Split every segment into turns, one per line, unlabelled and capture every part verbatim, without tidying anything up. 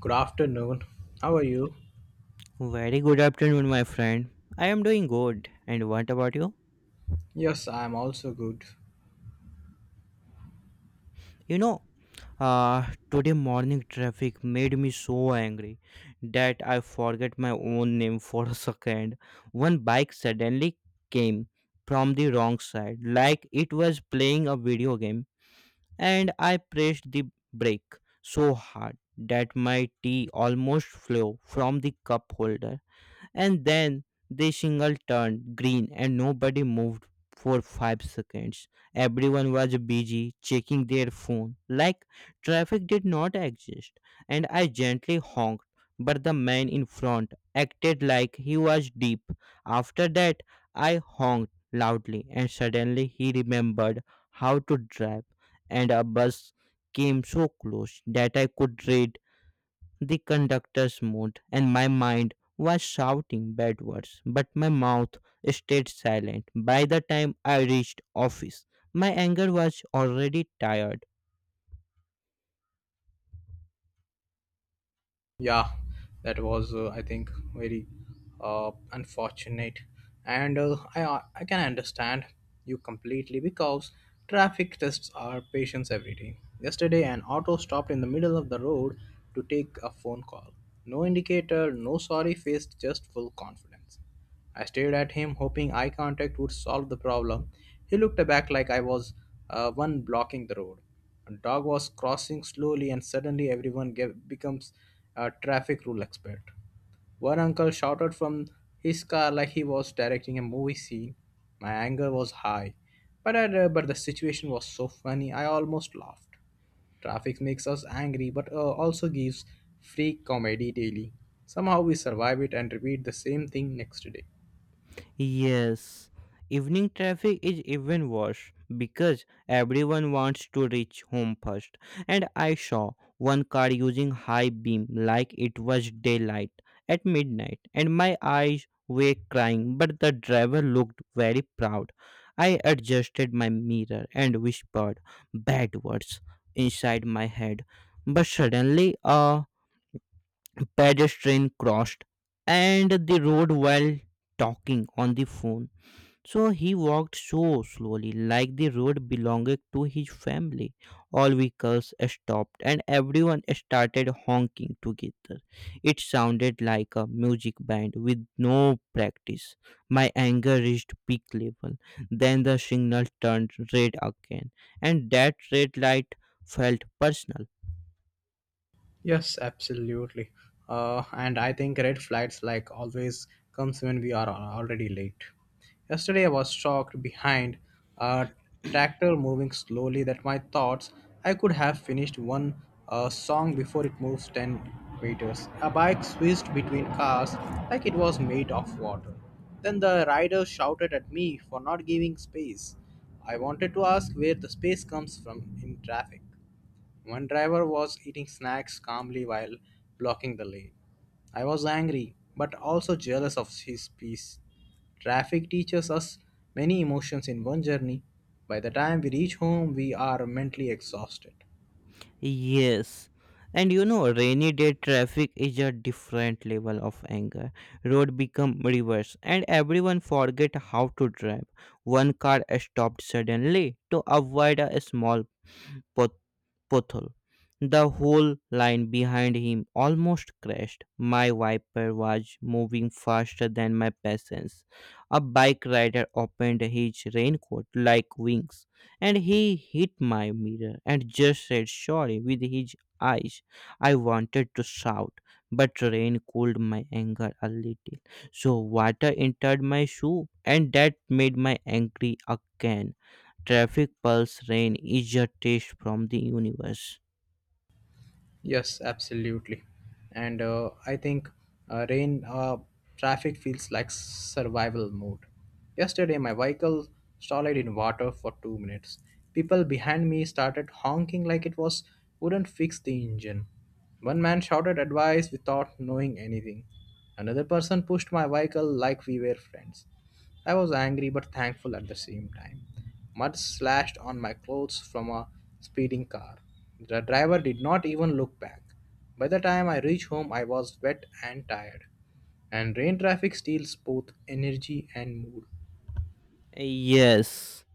Good afternoon. How are you?
Very good afternoon, my friend. I am doing good. And what about you?
Yes, I am also good.
You know, uh, Today morning traffic made me so angry that I forget my own name for a second. One bike suddenly came from the wrong side, like it was playing a video game, and I pressed the brake so hard that my tea almost flew from the cup holder. And then the signal turned green and nobody moved for five seconds. Everyone was busy checking their phone like traffic did not exist. And I gently honked, but the man in front acted like he was deep. After that, I honked loudly and suddenly he remembered how to drive and a bus came so close that I could read the conductor moved, and my mind was shouting bad words, but my mouth stayed silent. By the time I reached office, my anger was already tired.
Yeah, that was uh, I think very uh, unfortunate, and uh, I uh, I can understand you completely because traffic tests our patience every day. Yesterday, an auto stopped in the middle of the road to take a phone call. No indicator, no sorry face, just full confidence. I stared at him, hoping eye contact would solve the problem. He looked back like I was uh, one blocking the road. A dog was crossing slowly, and suddenly everyone ge- becomes a traffic rule expert. One uncle shouted from his car like he was directing a movie scene. My anger was high, but I, uh, but the situation was so funny I almost laughed. Traffic makes us angry, but uh, also gives free comedy daily. Somehow we survive it and repeat the same thing next day.
Yes, evening traffic is even worse because everyone wants to reach home first. And I saw one car using high beam like it was daylight at midnight, and my eyes were crying, but the driver looked very proud. I adjusted my mirror and whispered bad words inside my head. But suddenly a pedestrian crossed and the road while talking on the phone. So he walked so slowly, like the road belonged to his family. All vehicles stopped and everyone started honking together. It sounded like a music band with no practice. My anger reached peak level. Then the signal turned red again, and that red light felt personal.
Yes, absolutely. Uh, and I think red flags like always comes when we are al- already late. Yesterday I was shocked behind a tractor moving slowly that my thoughts I could have finished one uh, song before it moves ten meters. A bike swished between cars like it was made of water. Then the rider shouted at me for not giving space. I wanted to ask where the space comes from in traffic. One driver was eating snacks calmly while blocking the lane. I was angry, but also jealous of his peace. Traffic teaches us many emotions in one journey. By the time we reach home, we are mentally exhausted.
Yes. And you know, rainy day traffic is a different level of anger. Road become reverse, and everyone forget how to drive. One car stopped suddenly to avoid a small Pot- pothole. The whole line behind him almost crashed. My wiper was moving faster than my patience. A bike rider opened his raincoat like wings and he hit my mirror and just said sorry with his eyes. I wanted to shout, but rain cooled my anger a little. So water entered my shoe and that made me angry again. Traffic pulse rain is a test from the universe.
Yes, absolutely. And uh, I think uh, rain uh, traffic feels like survival mode. Yesterday, my vehicle stalled in water for two minutes. People behind me started honking like it was wouldn't fix the engine. One man shouted advice without knowing anything. Another person pushed my vehicle like we were friends. I was angry but thankful at the same time. Mud slashed on my clothes from a speeding car. The driver did not even look back. By the time I reached home, I was wet and tired, and rain traffic steals both energy and mood.
Yes.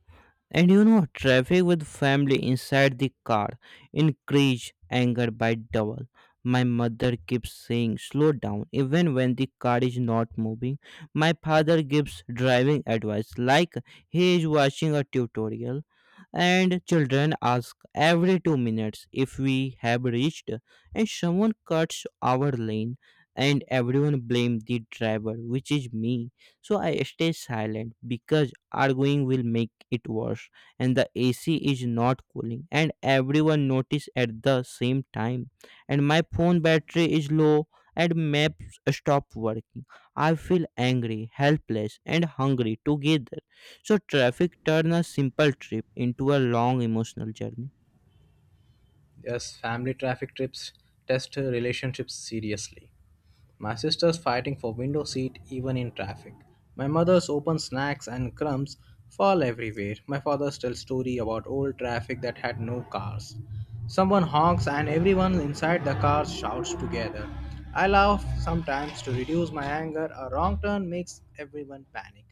And you know, traffic with family inside the car increase anger by double. My mother keeps saying slow down even when the car is not moving. My father gives driving advice like he is watching a tutorial, and children ask every two minutes if we have reached, and someone cuts our lane, and everyone blame the driver which is me, so I stay silent because arguing will make it worse, and the A C is not cooling and everyone notice at the same time, and my phone battery is low and maps stop working. I feel angry, helpless and hungry together. So traffic turn a simple trip into a long emotional journey.
Yes, family traffic trips test relationships seriously. My sister's fighting for window seat even in traffic. My mother's open snacks and crumbs fall everywhere. My father's tells story about old traffic that had no cars. Someone honks and everyone inside the car shouts together. I laugh sometimes to reduce my anger. A wrong turn makes everyone panic.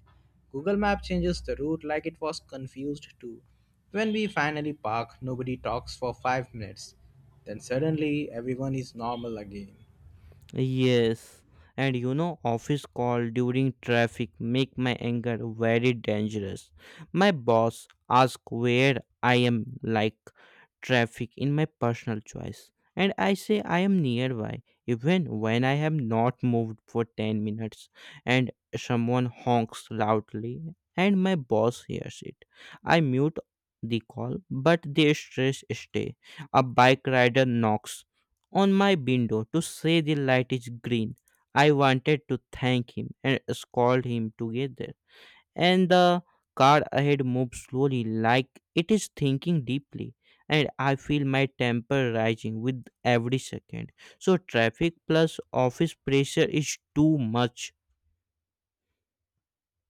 Google Map changes the route like it was confused too. When we finally park, nobody talks for five minutes. Then suddenly everyone is normal again.
Yes, and you know, office call during traffic make my anger very dangerous. My boss ask where I am like traffic in my personal choice, and I say I am nearby even when I have not moved for ten minutes, and someone honks loudly and my boss hears it. I mute the call, but the stress stay. A bike rider knocks on my window to say the light is green. I wanted to thank him and scold him together. And the car ahead moved slowly, like it is thinking deeply, and I feel my temper rising with every second. So, traffic plus office pressure is too much.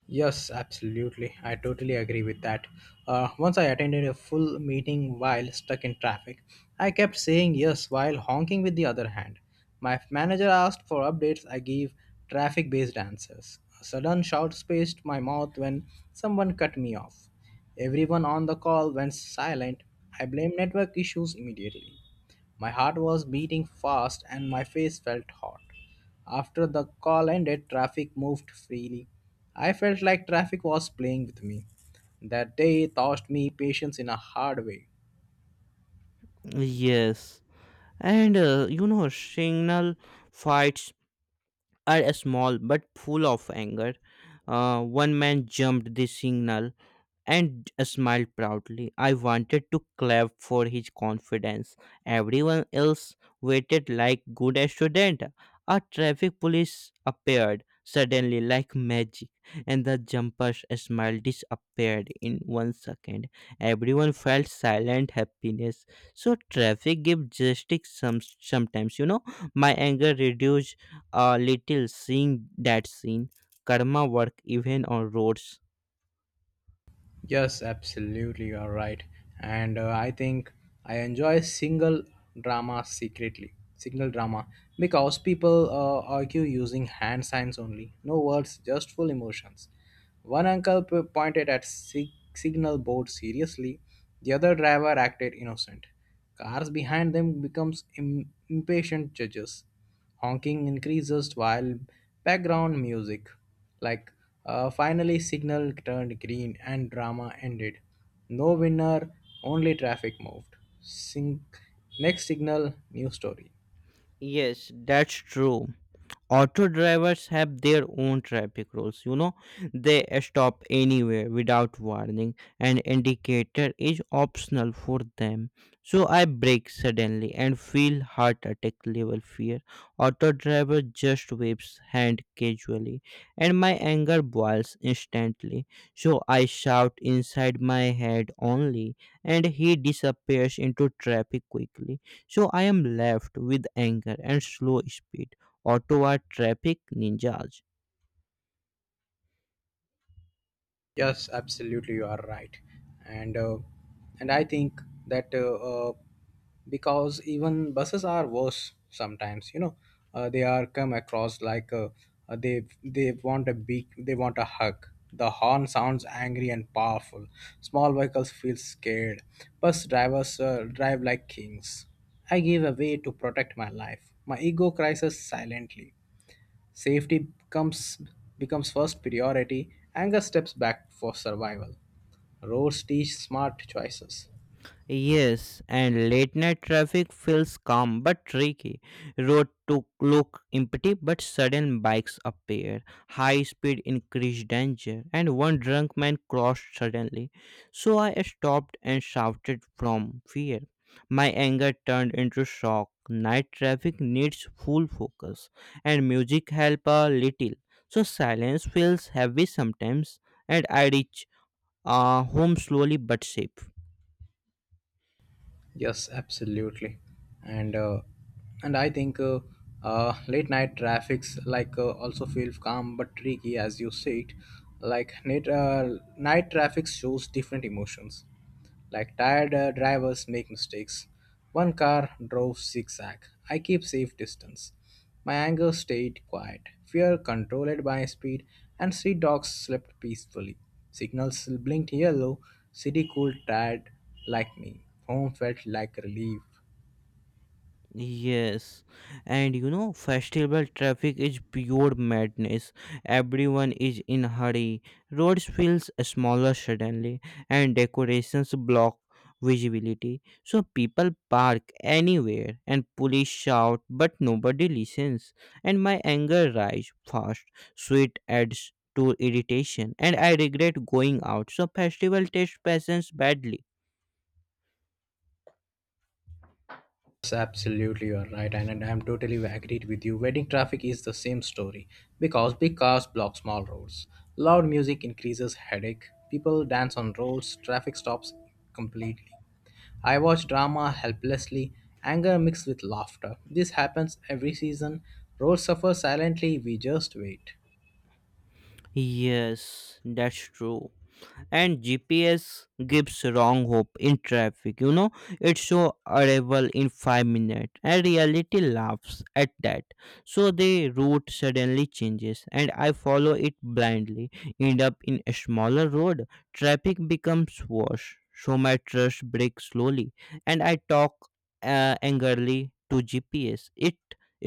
Yes, absolutely. I totally agree with that. Uh, once I attended a full meeting while stuck in traffic. I kept saying yes while honking with the other hand. My manager asked for updates. I gave traffic based answers. A sudden shout spaced my mouth when someone cut me off. Everyone on the call went silent. I blamed network issues immediately. My heart was beating fast and my face felt hot. After the call ended, traffic moved freely. I felt like traffic was playing with me. That day taught me patience in a hard way.
Yes. And uh, You know, signal fights are small but full of anger. Uh, one man jumped the signal and smiled proudly. I wanted to clap for his confidence. Everyone else waited like good student. A traffic police appeared suddenly like magic, and the jumper's smile disappeared in one second. Everyone felt silent happiness. So traffic gave justice some sometimes, you know. My anger reduced a little seeing that scene. Karma work even on roads.
Yes, absolutely, you are right. And uh, I think I enjoy single drama secretly. Single drama because people uh, argue using hand signs only, no words, just full emotions. One uncle p- pointed at sig- signal board seriously. The other driver acted innocent. Cars behind them becomes im- impatient judges honking increases while background music, like uh, finally signal turned green and drama ended. No winner, only traffic moved. Sync next signal, new story.
Yes, that's true. Auto drivers have their own traffic rules, you know. They stop anywhere without warning, and indicator is optional for them. So I brake suddenly and feel heart attack level fear. Auto driver just waves hand casually, and my anger boils instantly. So I shout inside my head only, and he disappears into traffic quickly. So I am left with anger and slow speed. Ottawa traffic ninjas.
Yes, absolutely, you are right, and uh, and I think that uh, uh, because even buses are worse sometimes. You know, uh, they are come across like uh, uh, they they want a big, they want a hug. The horn sounds angry and powerful. Small vehicles feel scared. Bus drivers uh, drive like kings. I give away to protect my life. My ego cries silently. Safety becomes becomes first priority, anger steps back for survival. Roads teach smart choices.
Yes, and late night traffic feels calm but tricky. Road to look empty, but sudden bikes appear. High speed increased danger, and one drunk man crossed suddenly. So I stopped and shouted from fear. My anger turned into shock. Night traffic needs full focus, and music help a little. So silence feels heavy sometimes, and I reach uh, home slowly but safe.
Yes, absolutely. And uh, and I think uh, uh, late night traffics like uh, also feel calm but tricky as you said. Like night, uh, night traffic shows different emotions. Like tired uh, drivers make mistakes. One car drove zigzag. I keep safe distance. My anger stayed quiet, fear controlled by speed, and street dogs slept peacefully. Signals blinked yellow, city cool tired like me. Home felt like relief.
Yes, and you know, festival traffic is pure madness. Everyone is in hurry. Roads feels smaller suddenly, and decorations block visibility. So people park anywhere, and police shout, but nobody listens. And my anger rise fast. Sweet adds to irritation, and I regret going out. So festival tests patience badly.
Yes, absolutely you are right, and, and I'm totally agreed with you. Wedding traffic is the same story because big cars block small roads, loud music increases headache, people dance on roads, traffic stops completely. I watch drama helplessly, anger mixed with laughter. This happens every season. Roads suffer silently, we just wait.
Yes, that's true. And G P S gives wrong hope in traffic, you know. It show arrival in five minutes and reality laughs at that. So the route suddenly changes and I follow it blindly. End up in a smaller road. Traffic becomes worse. So my trust breaks slowly and I talk uh, angrily to G P S. It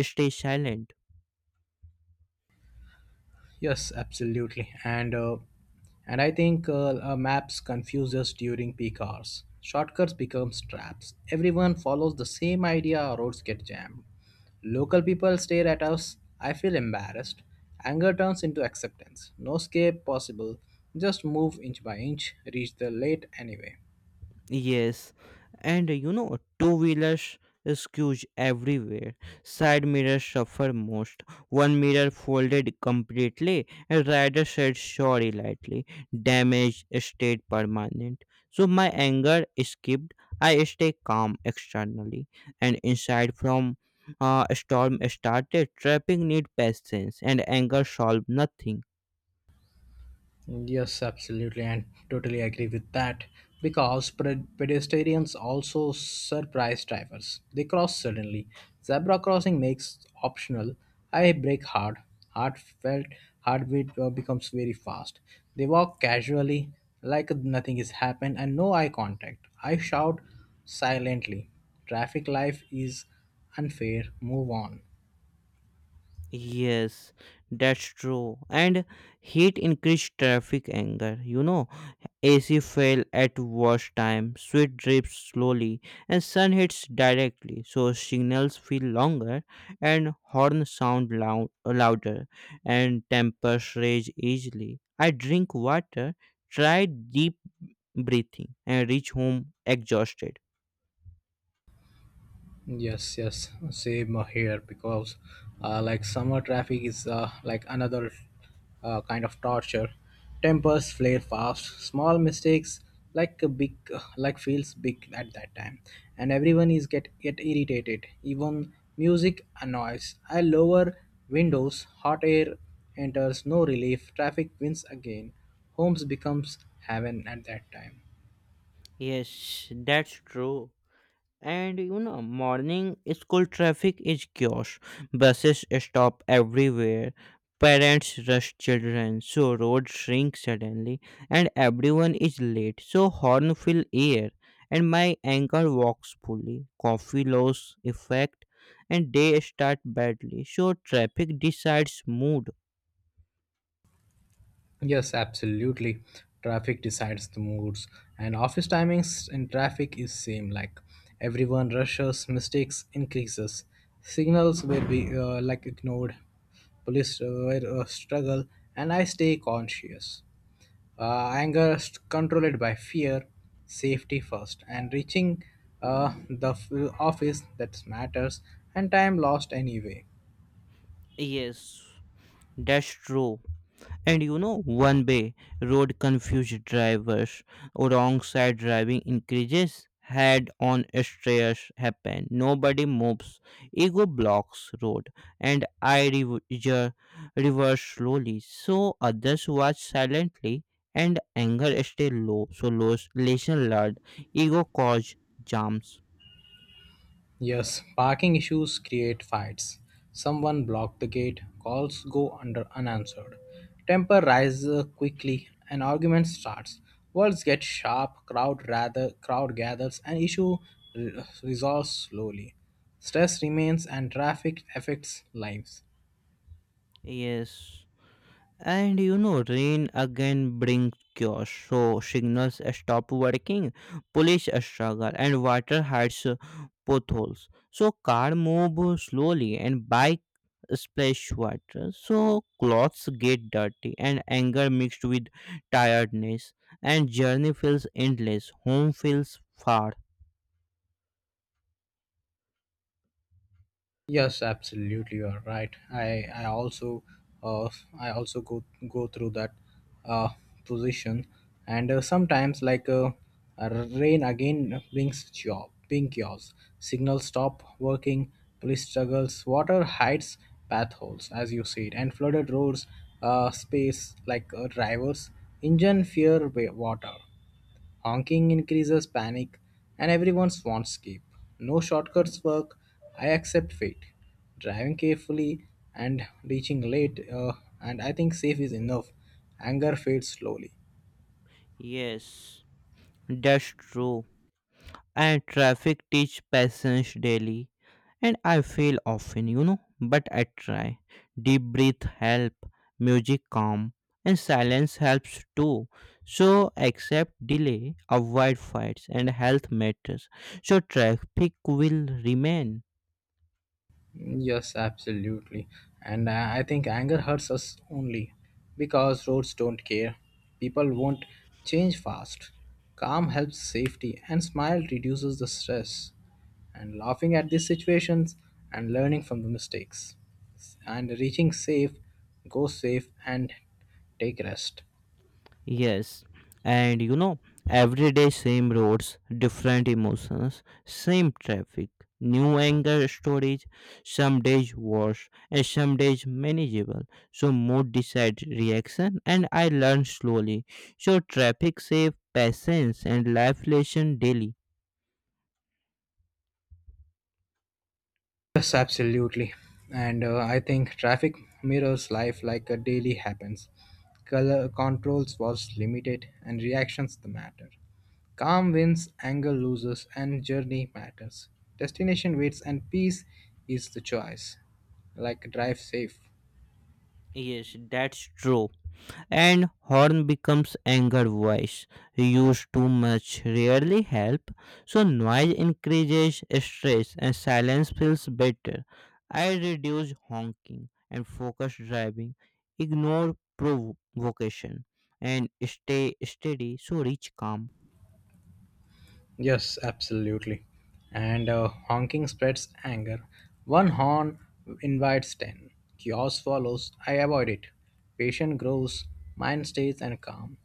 stays silent.
Yes, absolutely. And uh, and I think uh, uh, maps confuse us during peak hours. Shortcuts become traps. Everyone follows the same idea, our roads get jammed. Local people stare at us. I feel embarrassed. Anger turns into acceptance. No escape possible. Just move inch by inch, reach the late anyway.
Yes, and uh, you know, two wheelers skews everywhere. Side mirrors suffer most. One mirror folded completely. A rider said sorry lightly. Damage stayed permanent. So my anger skipped. I stay calm externally, and inside from uh, a storm started. Trapping need patience, and anger solve nothing.
Yes, absolutely, and totally agree with that. Because pred- pedestrians also surprise drivers. They cross suddenly. Zebra crossing makes optional. I brake hard. Heartfelt heartbeat uh, becomes very fast. They walk casually, like nothing is happened, and no eye contact. I shout silently. Traffic life is unfair. Move on.
Yes, that's true. And heat increased traffic anger. You know, A C fell at worst time, sweat drips slowly, and sun hits directly, so signals feel longer and horn sound loud, louder, and tempers rage easily. I drink water, try deep breathing, and reach home exhausted.
Yes, yes, same here because uh, like summer traffic is uh, like another uh, kind of torture. Tempers flare fast, small mistakes like a big like feels big at that time, and everyone is get get irritated. Even music annoys. I lower windows, hot air enters, no relief. Traffic wins again. Homes becomes heaven at that time.
Yes, that's true. And you know, morning school traffic is chaos. Buses stop everywhere. Parents rush children, so roads shrink suddenly, and everyone is late, so horn fill air, and my ankle walks fully coffee loss effect, and day start badly, so traffic decides mood.
Yes, absolutely. Traffic decides the moods, and office timings in traffic is same. Like everyone rushes, mistakes increases, signals will be uh, like ignored, police uh, were, uh, struggle, and I stay conscious. Uh, anger is controlled by fear, safety first, and reaching uh, the f- office that matters, and time lost anyway.
Yes, that's true. And you know, one way road confused drivers, wrong side driving increases, head on stress happen, nobody moves, ego blocks road, and I rever- reverse slowly. So others watch silently and anger stay low. So low lesson learned, ego cause jams.
Yes, parking issues create fights. Someone blocked the gate, calls go under unanswered. Temper rises quickly, an argument starts. Words get sharp, crowd rather crowd gathers, and issue re- resolves slowly. Stress remains and traffic affects lives.
Yes. And you know, rain again brings chaos. So signals stop working, police struggle, and water hides uh, potholes. So car move slowly, and bike splash water. So clothes get dirty, and anger mixed with tiredness, and journey feels endless. Home feels far.
Yes, absolutely, you are right. I I also uh, I also go go through that uh, position, and uh, sometimes like uh, a rain again brings job, pink chaos. Signals stop working, police struggles, water hides path holes, as you said, and flooded roads, uh, space like uh, drivers, engine fear wa- water. Honking increases panic, and everyone wants escape. No shortcuts work. I accept fate. Driving carefully and reaching late, uh, and I think safe is enough. Anger fades slowly.
Yes, that's true. And traffic teach patience daily, and I fail often, you know, but I try. Deep breath help, music calm, and silence helps too. So accept delay, avoid fights, and health matters. So traffic will remain.
Yes, absolutely. And I I think anger hurts us only because roads don't care. People won't change fast. Calm helps safety, and smile reduces the stress. And laughing at these situations and learning from the mistakes. And reaching safe, go safe, and take rest.
Yes, and you know, every day same roads, different emotions, same traffic, new anger stories, some days worse, and some days manageable. So mood decides reaction, and I learn slowly. So traffic save patience and life lesson daily.
Yes, absolutely. And uh, I think traffic mirrors life like a daily happens. Color controls was limited and reactions the matter. Calm wins, anger loses, and journey matters. Destination waits and peace is the choice. Like drive safe.
Yes, that's true. And horn becomes anger voice. Use too much rarely help, so noise increases stress and silence feels better. I reduce honking and focus driving, ignore provocation, and stay steady, so reach calm.
Yes, absolutely. And uh, honking spreads anger. One horn invites ten. Chaos follows. I avoid it. Patient grows. Mind stays and calm.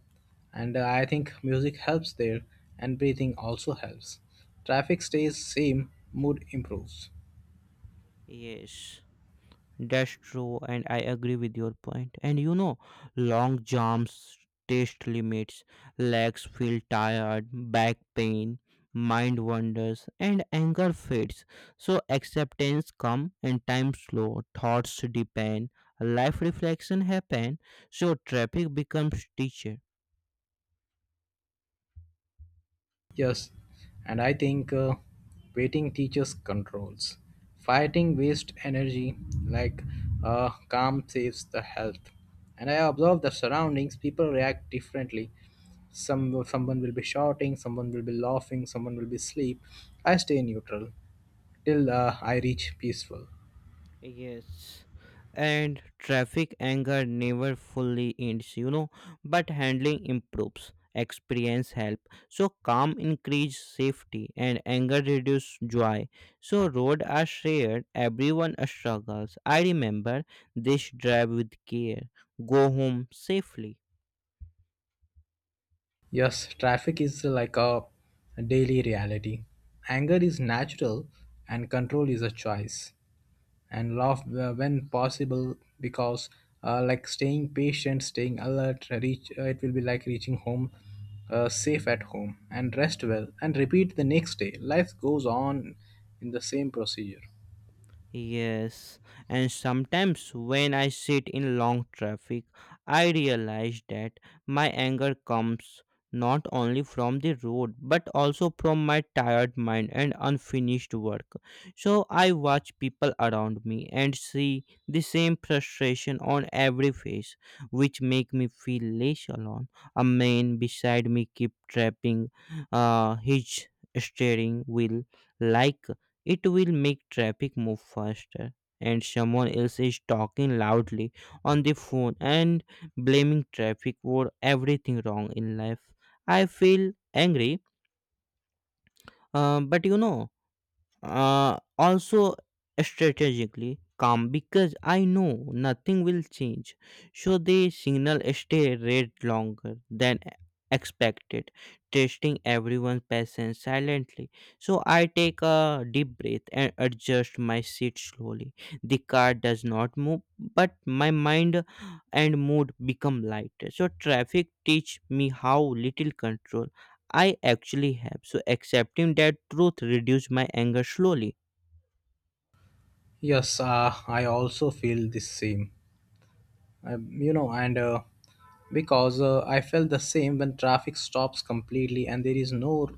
And uh, I think music helps there, and breathing also helps. Traffic stays same. Mood improves.
Yes. That's true, and I agree with your point. And you know, long jumps test limits, legs feel tired, back pain, mind wanders, and anger fades. So acceptance come and time slow, thoughts deepen, life reflection happen, so traffic becomes teacher.
Yes, and I think uh, waiting teaches controls. Fighting waste energy, like uh, calm saves the health. And I observe the surroundings, people react differently. Some someone will be shouting, someone will be laughing, someone will be asleep. I stay neutral till uh, I reach peaceful.
Yes, and traffic anger never fully ends, you know, but handling improves, experience help. So calm increase safety and anger reduce joy. So road are shared, everyone struggles. I remember this drive with care. Go home safely.
Yes, traffic is like a daily reality. Anger is natural and control is a choice. And laugh wh- when possible because uh, like staying patient, staying alert, reach uh, it will be like reaching home uh, safe at home, and rest well, and repeat the next day. Life goes on in the same procedure.
Yes, and sometimes when I sit in long traffic, I realize that my anger comes not only from the road but also from my tired mind and unfinished work. So I watch people around me and see the same frustration on every face, which make me feel less alone. A man beside me keep trapping uh, his steering wheel like it will make traffic move faster. And someone else is talking loudly on the phone and blaming traffic for everything wrong in life. I feel angry, uh, but you know, uh, also strategically calm because I know nothing will change. So the signal stay red longer than expected, testing everyone's patience silently. So I take a deep breath and adjust my seat slowly. The car does not move, but my mind and mood become lighter. So traffic teach me how little control I actually have. So accepting that truth reduced my anger slowly.
Yes, uh, I also feel the same. I, you know, and uh, because uh, I felt the same when traffic stops completely and there is no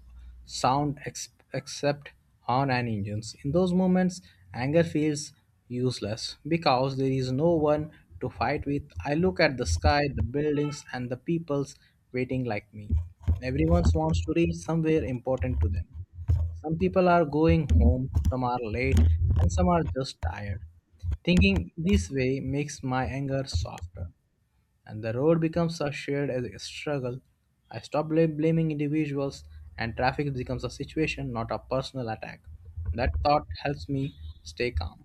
sound ex- except horn and engines. In those moments, anger feels useless because there is no one to fight with. I look at the sky, the buildings, and the peoples waiting like me. Everyone wants to reach somewhere important to them. Some people are going home, some are late, and some are just tired. Thinking this way makes my anger softer, and the road becomes a shared as a struggle. I stop bla- blaming individuals, and traffic becomes a situation, not a personal attack. That thought helps me stay calm.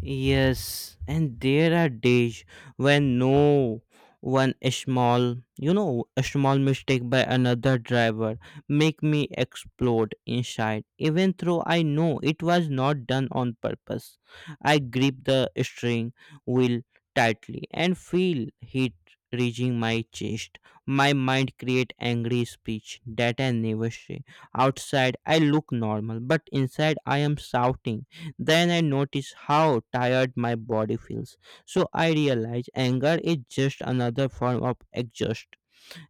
Yes, and there are days when no one small, you know, a small mistake by another driver make me explode inside, even though I know it was not done on purpose. I grip the steering wheel tightly and feel heat reaching my chest. My mind create angry speech that I never say. Outside I look normal, but inside I am shouting. Then I notice how tired my body feels. So I realize anger is just another form of exhaust.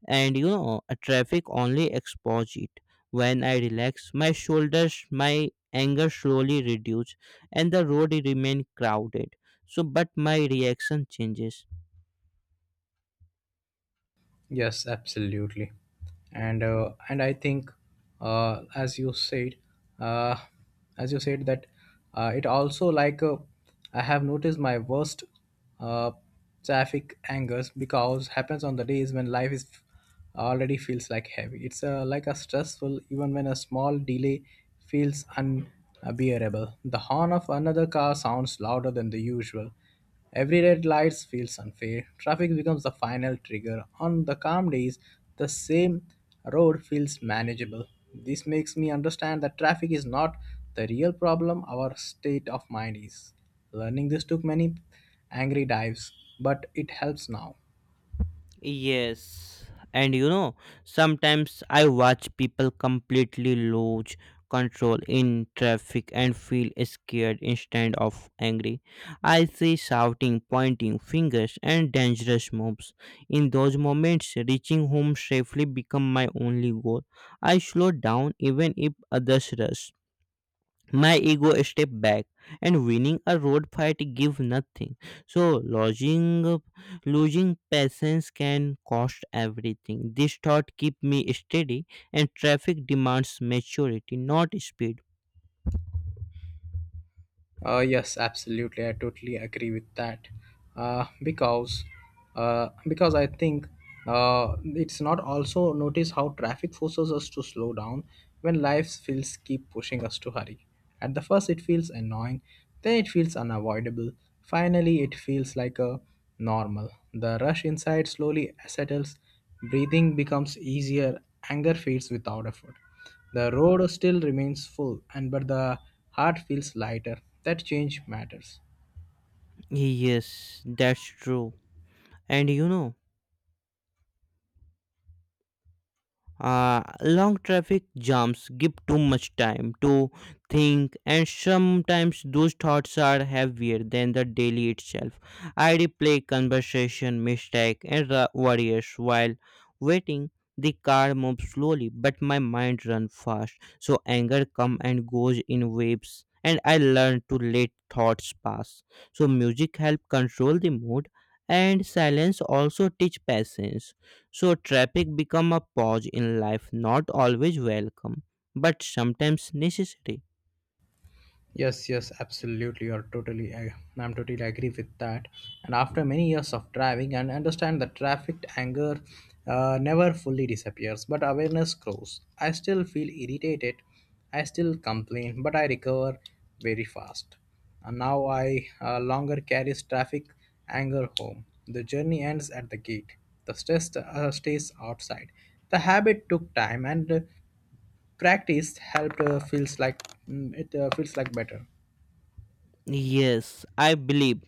And you know, a traffic only exposes it. When I relax my shoulders, my anger slowly reduces and the road remains crowded. So, but my reaction changes.
Yes, absolutely, and uh, and I think, uh, as you said, uh, as you said that uh, it also like uh, I have noticed my worst uh, traffic angers because happens on the days when life is already feels like heavy. It's uh, like a stressful, even when a small delay feels unbearable. The horn of another car sounds louder than the usual. Every red light feels unfair. Traffic becomes the final trigger. On the calm days, the same road feels manageable. This makes me understand that traffic is not the real problem, our state of mind is. Learning this took many angry dives, but it helps now.
Yes, and you know, sometimes I watch people completely lose control in traffic and feel scared instead of angry. I see shouting, pointing fingers, and dangerous moves. In those moments, reaching home safely become my only goal. I slow down even if others rush. My ego step back, and winning a road fight give nothing. So losing losing patience can cost everything. This thought keep me steady, and traffic demands maturity, not speed.
Uh, yes, absolutely. I totally agree with that. Uh, because, uh, because I think uh, it's not also notice how traffic forces us to slow down when life feels keep pushing us to hurry. At the first, it feels annoying. Then it feels unavoidable. Finally, it feels like a normal. The rush inside slowly settles. Breathing becomes easier. Anger fades without effort. The road still remains full, and but the heart feels lighter. That change matters.
Yes, that's true. And you know Uh, long traffic jams give too much time to think, and sometimes those thoughts are heavier than the daily itself. I replay conversation, mistake, and the worries while waiting. The car moves slowly, but my mind runs fast, so anger comes and goes in waves, and I learn to let thoughts pass. So music helps control the mood, and silence also teach patience. So traffic become a pause in life, not always welcome, but sometimes necessary.
Yes, yes, absolutely. You're totally, I, I'm totally agree with that. And after many years of driving, and understand that traffic anger uh, never fully disappears, but awareness grows. I still feel irritated, I still complain, but I recover very fast. And now I uh, longer carries traffic anger home. The journey ends at the gate. The stress uh, stays outside. The habit took time, and uh, practice helped. Uh, feels like mm, it uh, feels like better.
Yes, I believe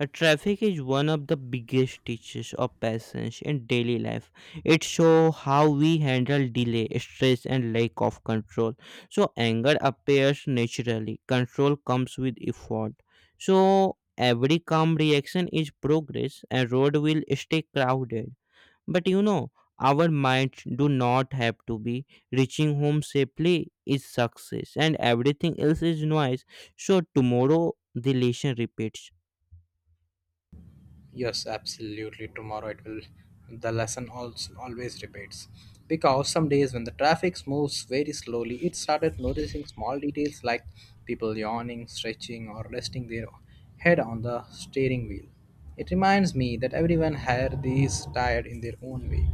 uh, traffic is one of the biggest teachers of patience in daily life. It shows how we handle delay, stress, and lack of control. So anger appears naturally. Control comes with effort. So every calm reaction is progress, and road will stay crowded. But you know, our minds do not have to be. Reaching home safely is success, and everything else is noise. So tomorrow the lesson repeats.
Yes, absolutely. Tomorrow it will. The lesson also always repeats. Because some days when the traffic moves very slowly, it started noticing small details like people yawning, stretching, or resting their head on the steering wheel. It reminds me that everyone here is tired in their own way.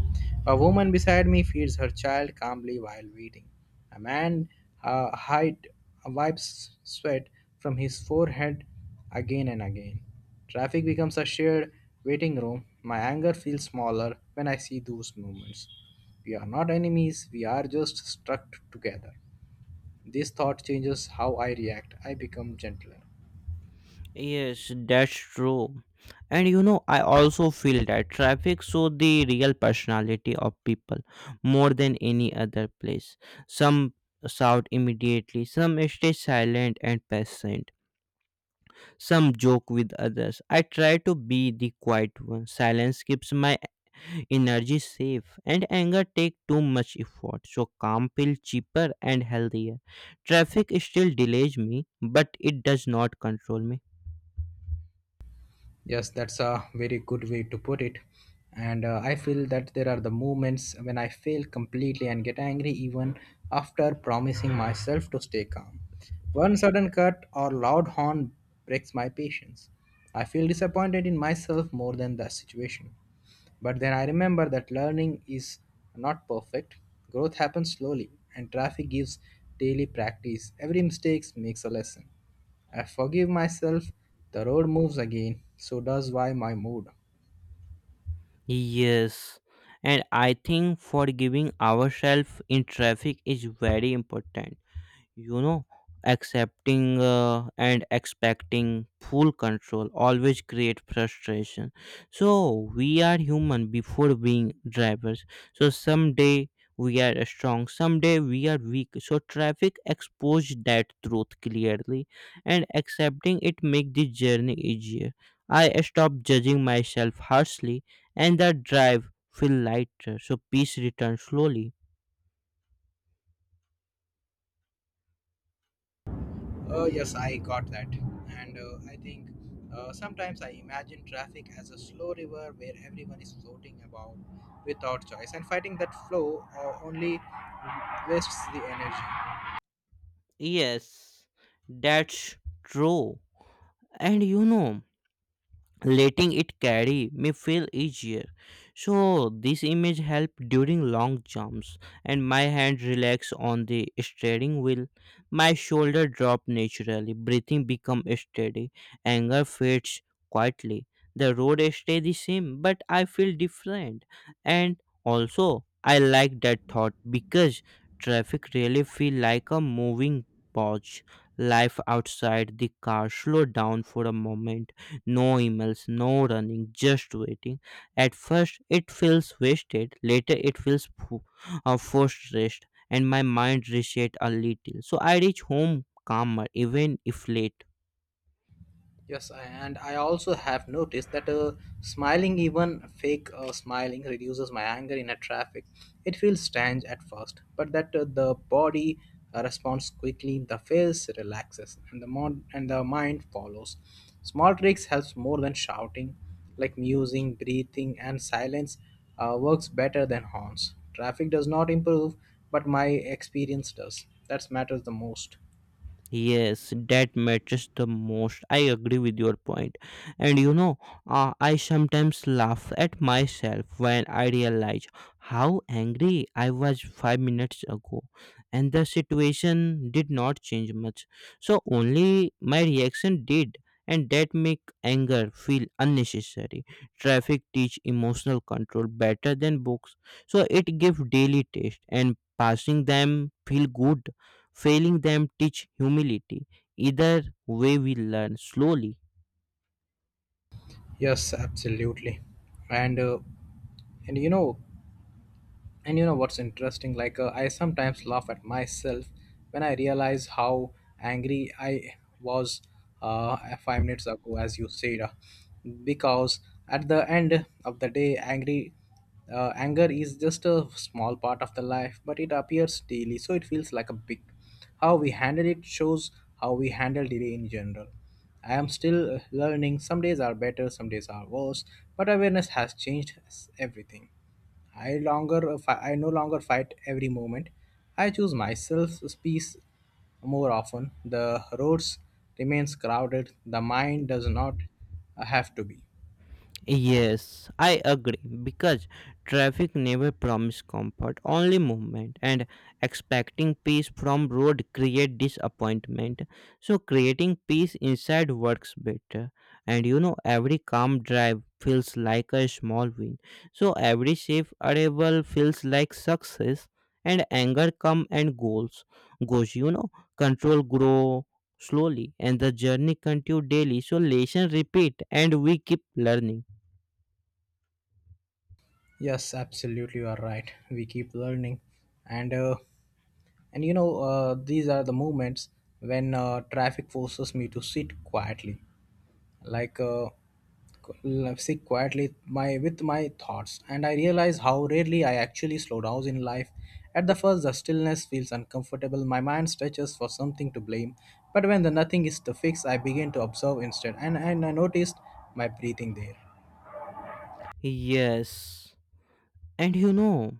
A woman beside me feeds her child calmly while waiting. A man uh, hide, wipes sweat from his forehead again and again. Traffic becomes a shared waiting room. My anger feels smaller when I see those moments. We are not enemies, we are just stuck together. This thought changes how I react. I become gentler.
Yes, that's true. And you know, I also feel that traffic shows the real personality of people more than any other place. Some shout immediately, some stay silent and patient. Some joke with others. I try to be the quiet one. Silence keeps my energy safe, and anger take too much effort, so calm feels cheaper and healthier. Traffic still delays me, but it does not control me.
Yes, that's a very good way to put it. And uh, I feel that there are the moments when I fail completely and get angry even after promising myself to stay calm. One sudden cut or loud horn breaks my patience. I feel disappointed in myself more than the situation. But then I remember that learning is not perfect. Growth happens slowly, and traffic gives daily practice. Every mistake makes a lesson. I forgive myself, the road moves again, so does why my mood.
Yes, and I think forgiving ourselves in traffic is very important you know Accepting uh, and expecting full control always create frustration. So we are human before being drivers. So someday we are strong, someday we are weak. So traffic exposed that truth clearly, and accepting it make the journey easier. I stop judging myself harshly, and the drive feel lighter. So peace returns slowly.
Uh, yes, I got that. And uh, I think uh, sometimes I imagine traffic as a slow river where everyone is floating about without choice, and fighting that flow uh, only wastes the energy.
Yes, that's true. And you know, letting it carry me feel easier. So this image helped during long jumps, and my hand relaxed on the steering wheel. My shoulder dropped naturally. Breathing become steady. Anger fades quietly. The road stay the same, but I feel different. And also I like that thought because traffic really feel like a moving pause. Life outside the car slow down for a moment. No emails, no running, just waiting. At first, it feels wasted. Later, it feels fo- uh, forced rest, and my mind resets a little. So I reach home calmer, even if late.
Yes, I- and I also have noticed that uh, smiling, even fake uh, smiling, reduces my anger in a traffic. It feels strange at first, but that uh, the body uh, responds quickly, the face relaxes, and the mon- and the mind follows. Small tricks helps more than shouting, like musing, breathing, and silence uh, works better than horns. Traffic does not improve, but my experience does. That matters the most.
Yes, that matters the most. I agree with your point. And you know, uh, I sometimes laugh at myself when I realize how angry I was five minutes ago and the situation did not change much. So only my reaction did, and that make anger feel unnecessary. Traffic teach emotional control better than books. So it give daily taste, and passing them feel good. Failing them teach humility. Either way, we learn slowly.
Yes, absolutely. And uh, and you know and you know what's interesting like uh, I sometimes laugh at myself when I realize how angry I was uh, five minutes ago, as you said, uh, because at the end of the day angry uh, anger is just a small part of the life, but it appears daily, so it feels like a big. How we handle it shows how we handle delay in general. I am still uh, learning. Some days are better, some days are worse, but awareness has changed everything. I longer fi- I no longer fight every moment. I choose myself peace more often. The roads remains crowded. The mind does not uh, have to be.
Yes, I agree because traffic never promises comfort, only movement, and expecting peace from road create disappointment. So creating peace inside works better. And you know every calm drive feels like a small win. So every safe arrival feels like success, and anger come and goes goes, you know, control grow slowly, and the journey continue daily. So lesson repeat, and we keep learning.
Yes, absolutely, you are right. We keep learning, and uh, and you know uh, these are the moments when uh, traffic forces me to sit quietly. Like uh, sit quietly my with my thoughts, and I realize how rarely I actually slow down in life. At the first, the stillness feels uncomfortable, my mind stretches for something to blame, but when the nothing is to fix, I begin to observe instead, and, and I noticed my breathing there.
Yes. And you know,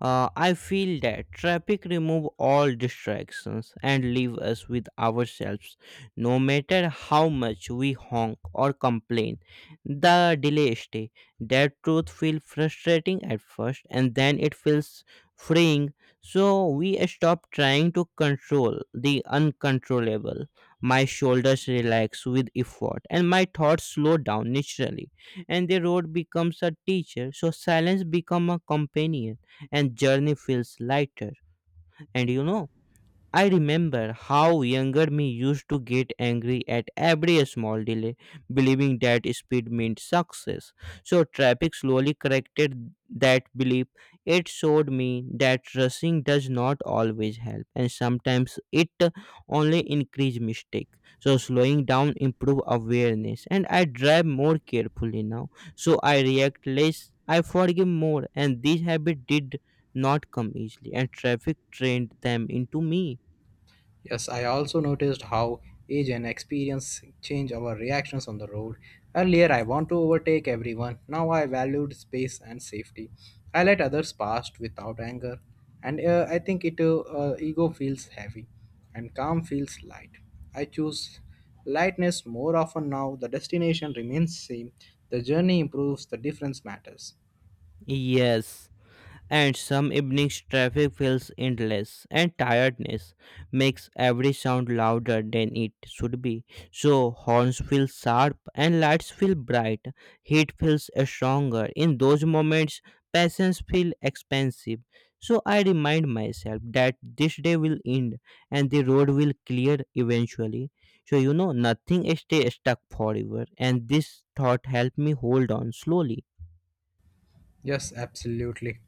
uh, I feel that traffic remove all distractions and leave us with ourselves. No matter how much we honk or complain, the delay stay. That truth feels frustrating at first, and then it feels freeing. So we stop trying to control the uncontrollable. My shoulders relax with effort, and my thoughts slow down naturally. And the road becomes a teacher, so silence become a companion, and journey feels lighter. And you know I remember how younger me used to get angry at every small delay, believing that speed meant success. So traffic slowly corrected that belief. It showed me that rushing does not always help, and sometimes it only increase mistake. So slowing down improve awareness, and I drive more carefully now. So I react less, I forgive more, and this habit did not come easily, and traffic trained them into me.
Yes, I also noticed how age and experience change our reactions on the road. Earlier, I want to overtake everyone. Now, I valued space and safety. I let others pass without anger, and uh, I think it uh, uh, ego feels heavy, and calm feels light. I choose lightness more often now. The destination remains same. The journey improves. The difference matters.
Yes, and some evenings traffic feels endless, and tiredness makes every sound louder than it should be. So horns feel sharp and lights feel bright. Heat feels stronger. In those moments, passions feel expensive. So I remind myself that this day will end and the road will clear eventually. So you know nothing stays stuck forever, and this thought helped me hold on slowly.
Yes, absolutely.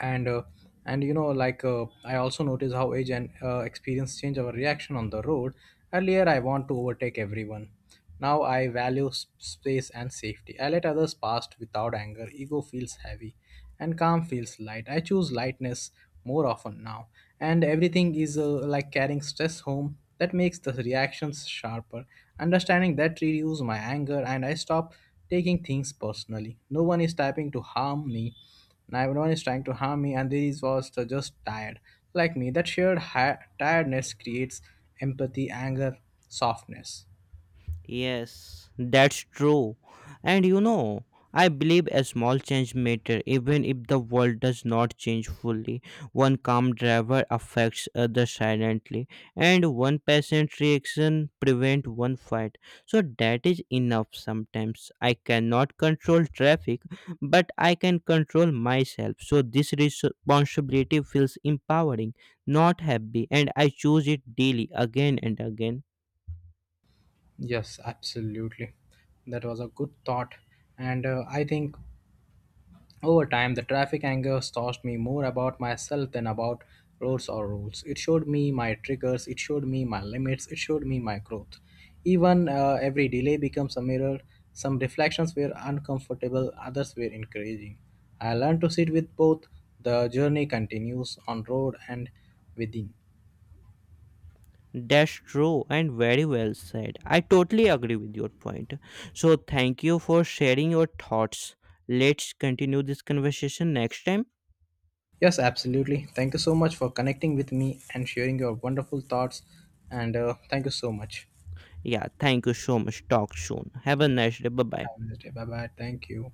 and uh, and you know like uh, I also notice how age and uh, experience change our reaction on the road. Earlier, I want to overtake everyone. Now I value s- space and safety. I let others pass without anger. Ego feels heavy and calm feels light. I choose lightness more often now. And everything is uh, like carrying stress home, that makes the reactions sharper. Understanding that reduces my anger, and I stop taking things personally. No one is typing to harm me now, everyone is trying to harm me, and these was the just tired like me. That shared hi- tiredness creates empathy, anger, softness.
Yes, that's true. And you know, I believe a small change matter even if the world does not change fully. One calm driver affects other silently, and one patient reaction prevent one fight. So that is enough sometimes. I cannot control traffic, but I can control myself. So this responsibility feels empowering, not happy, and I choose it daily again and again.
Yes, absolutely. That was a good thought. And uh, I think over time, the traffic anger taught me more about myself than about roads or rules. It showed me my triggers, it showed me my limits, it showed me my growth. Even uh, every delay becomes a mirror. Some reflections were uncomfortable, others were encouraging. I learned to sit with both. The journey continues on road and within.
That's true and very well said. I totally agree with your point. So, thank you for sharing your thoughts. Let's continue this conversation next time.
Yes, absolutely. Thank you so much for connecting with me and sharing your wonderful thoughts. And uh, thank you so much.
Yeah, thank you so much. Talk soon. Have a
Yes.
nice day. Bye bye.
Have a nice day. Bye bye. Thank you.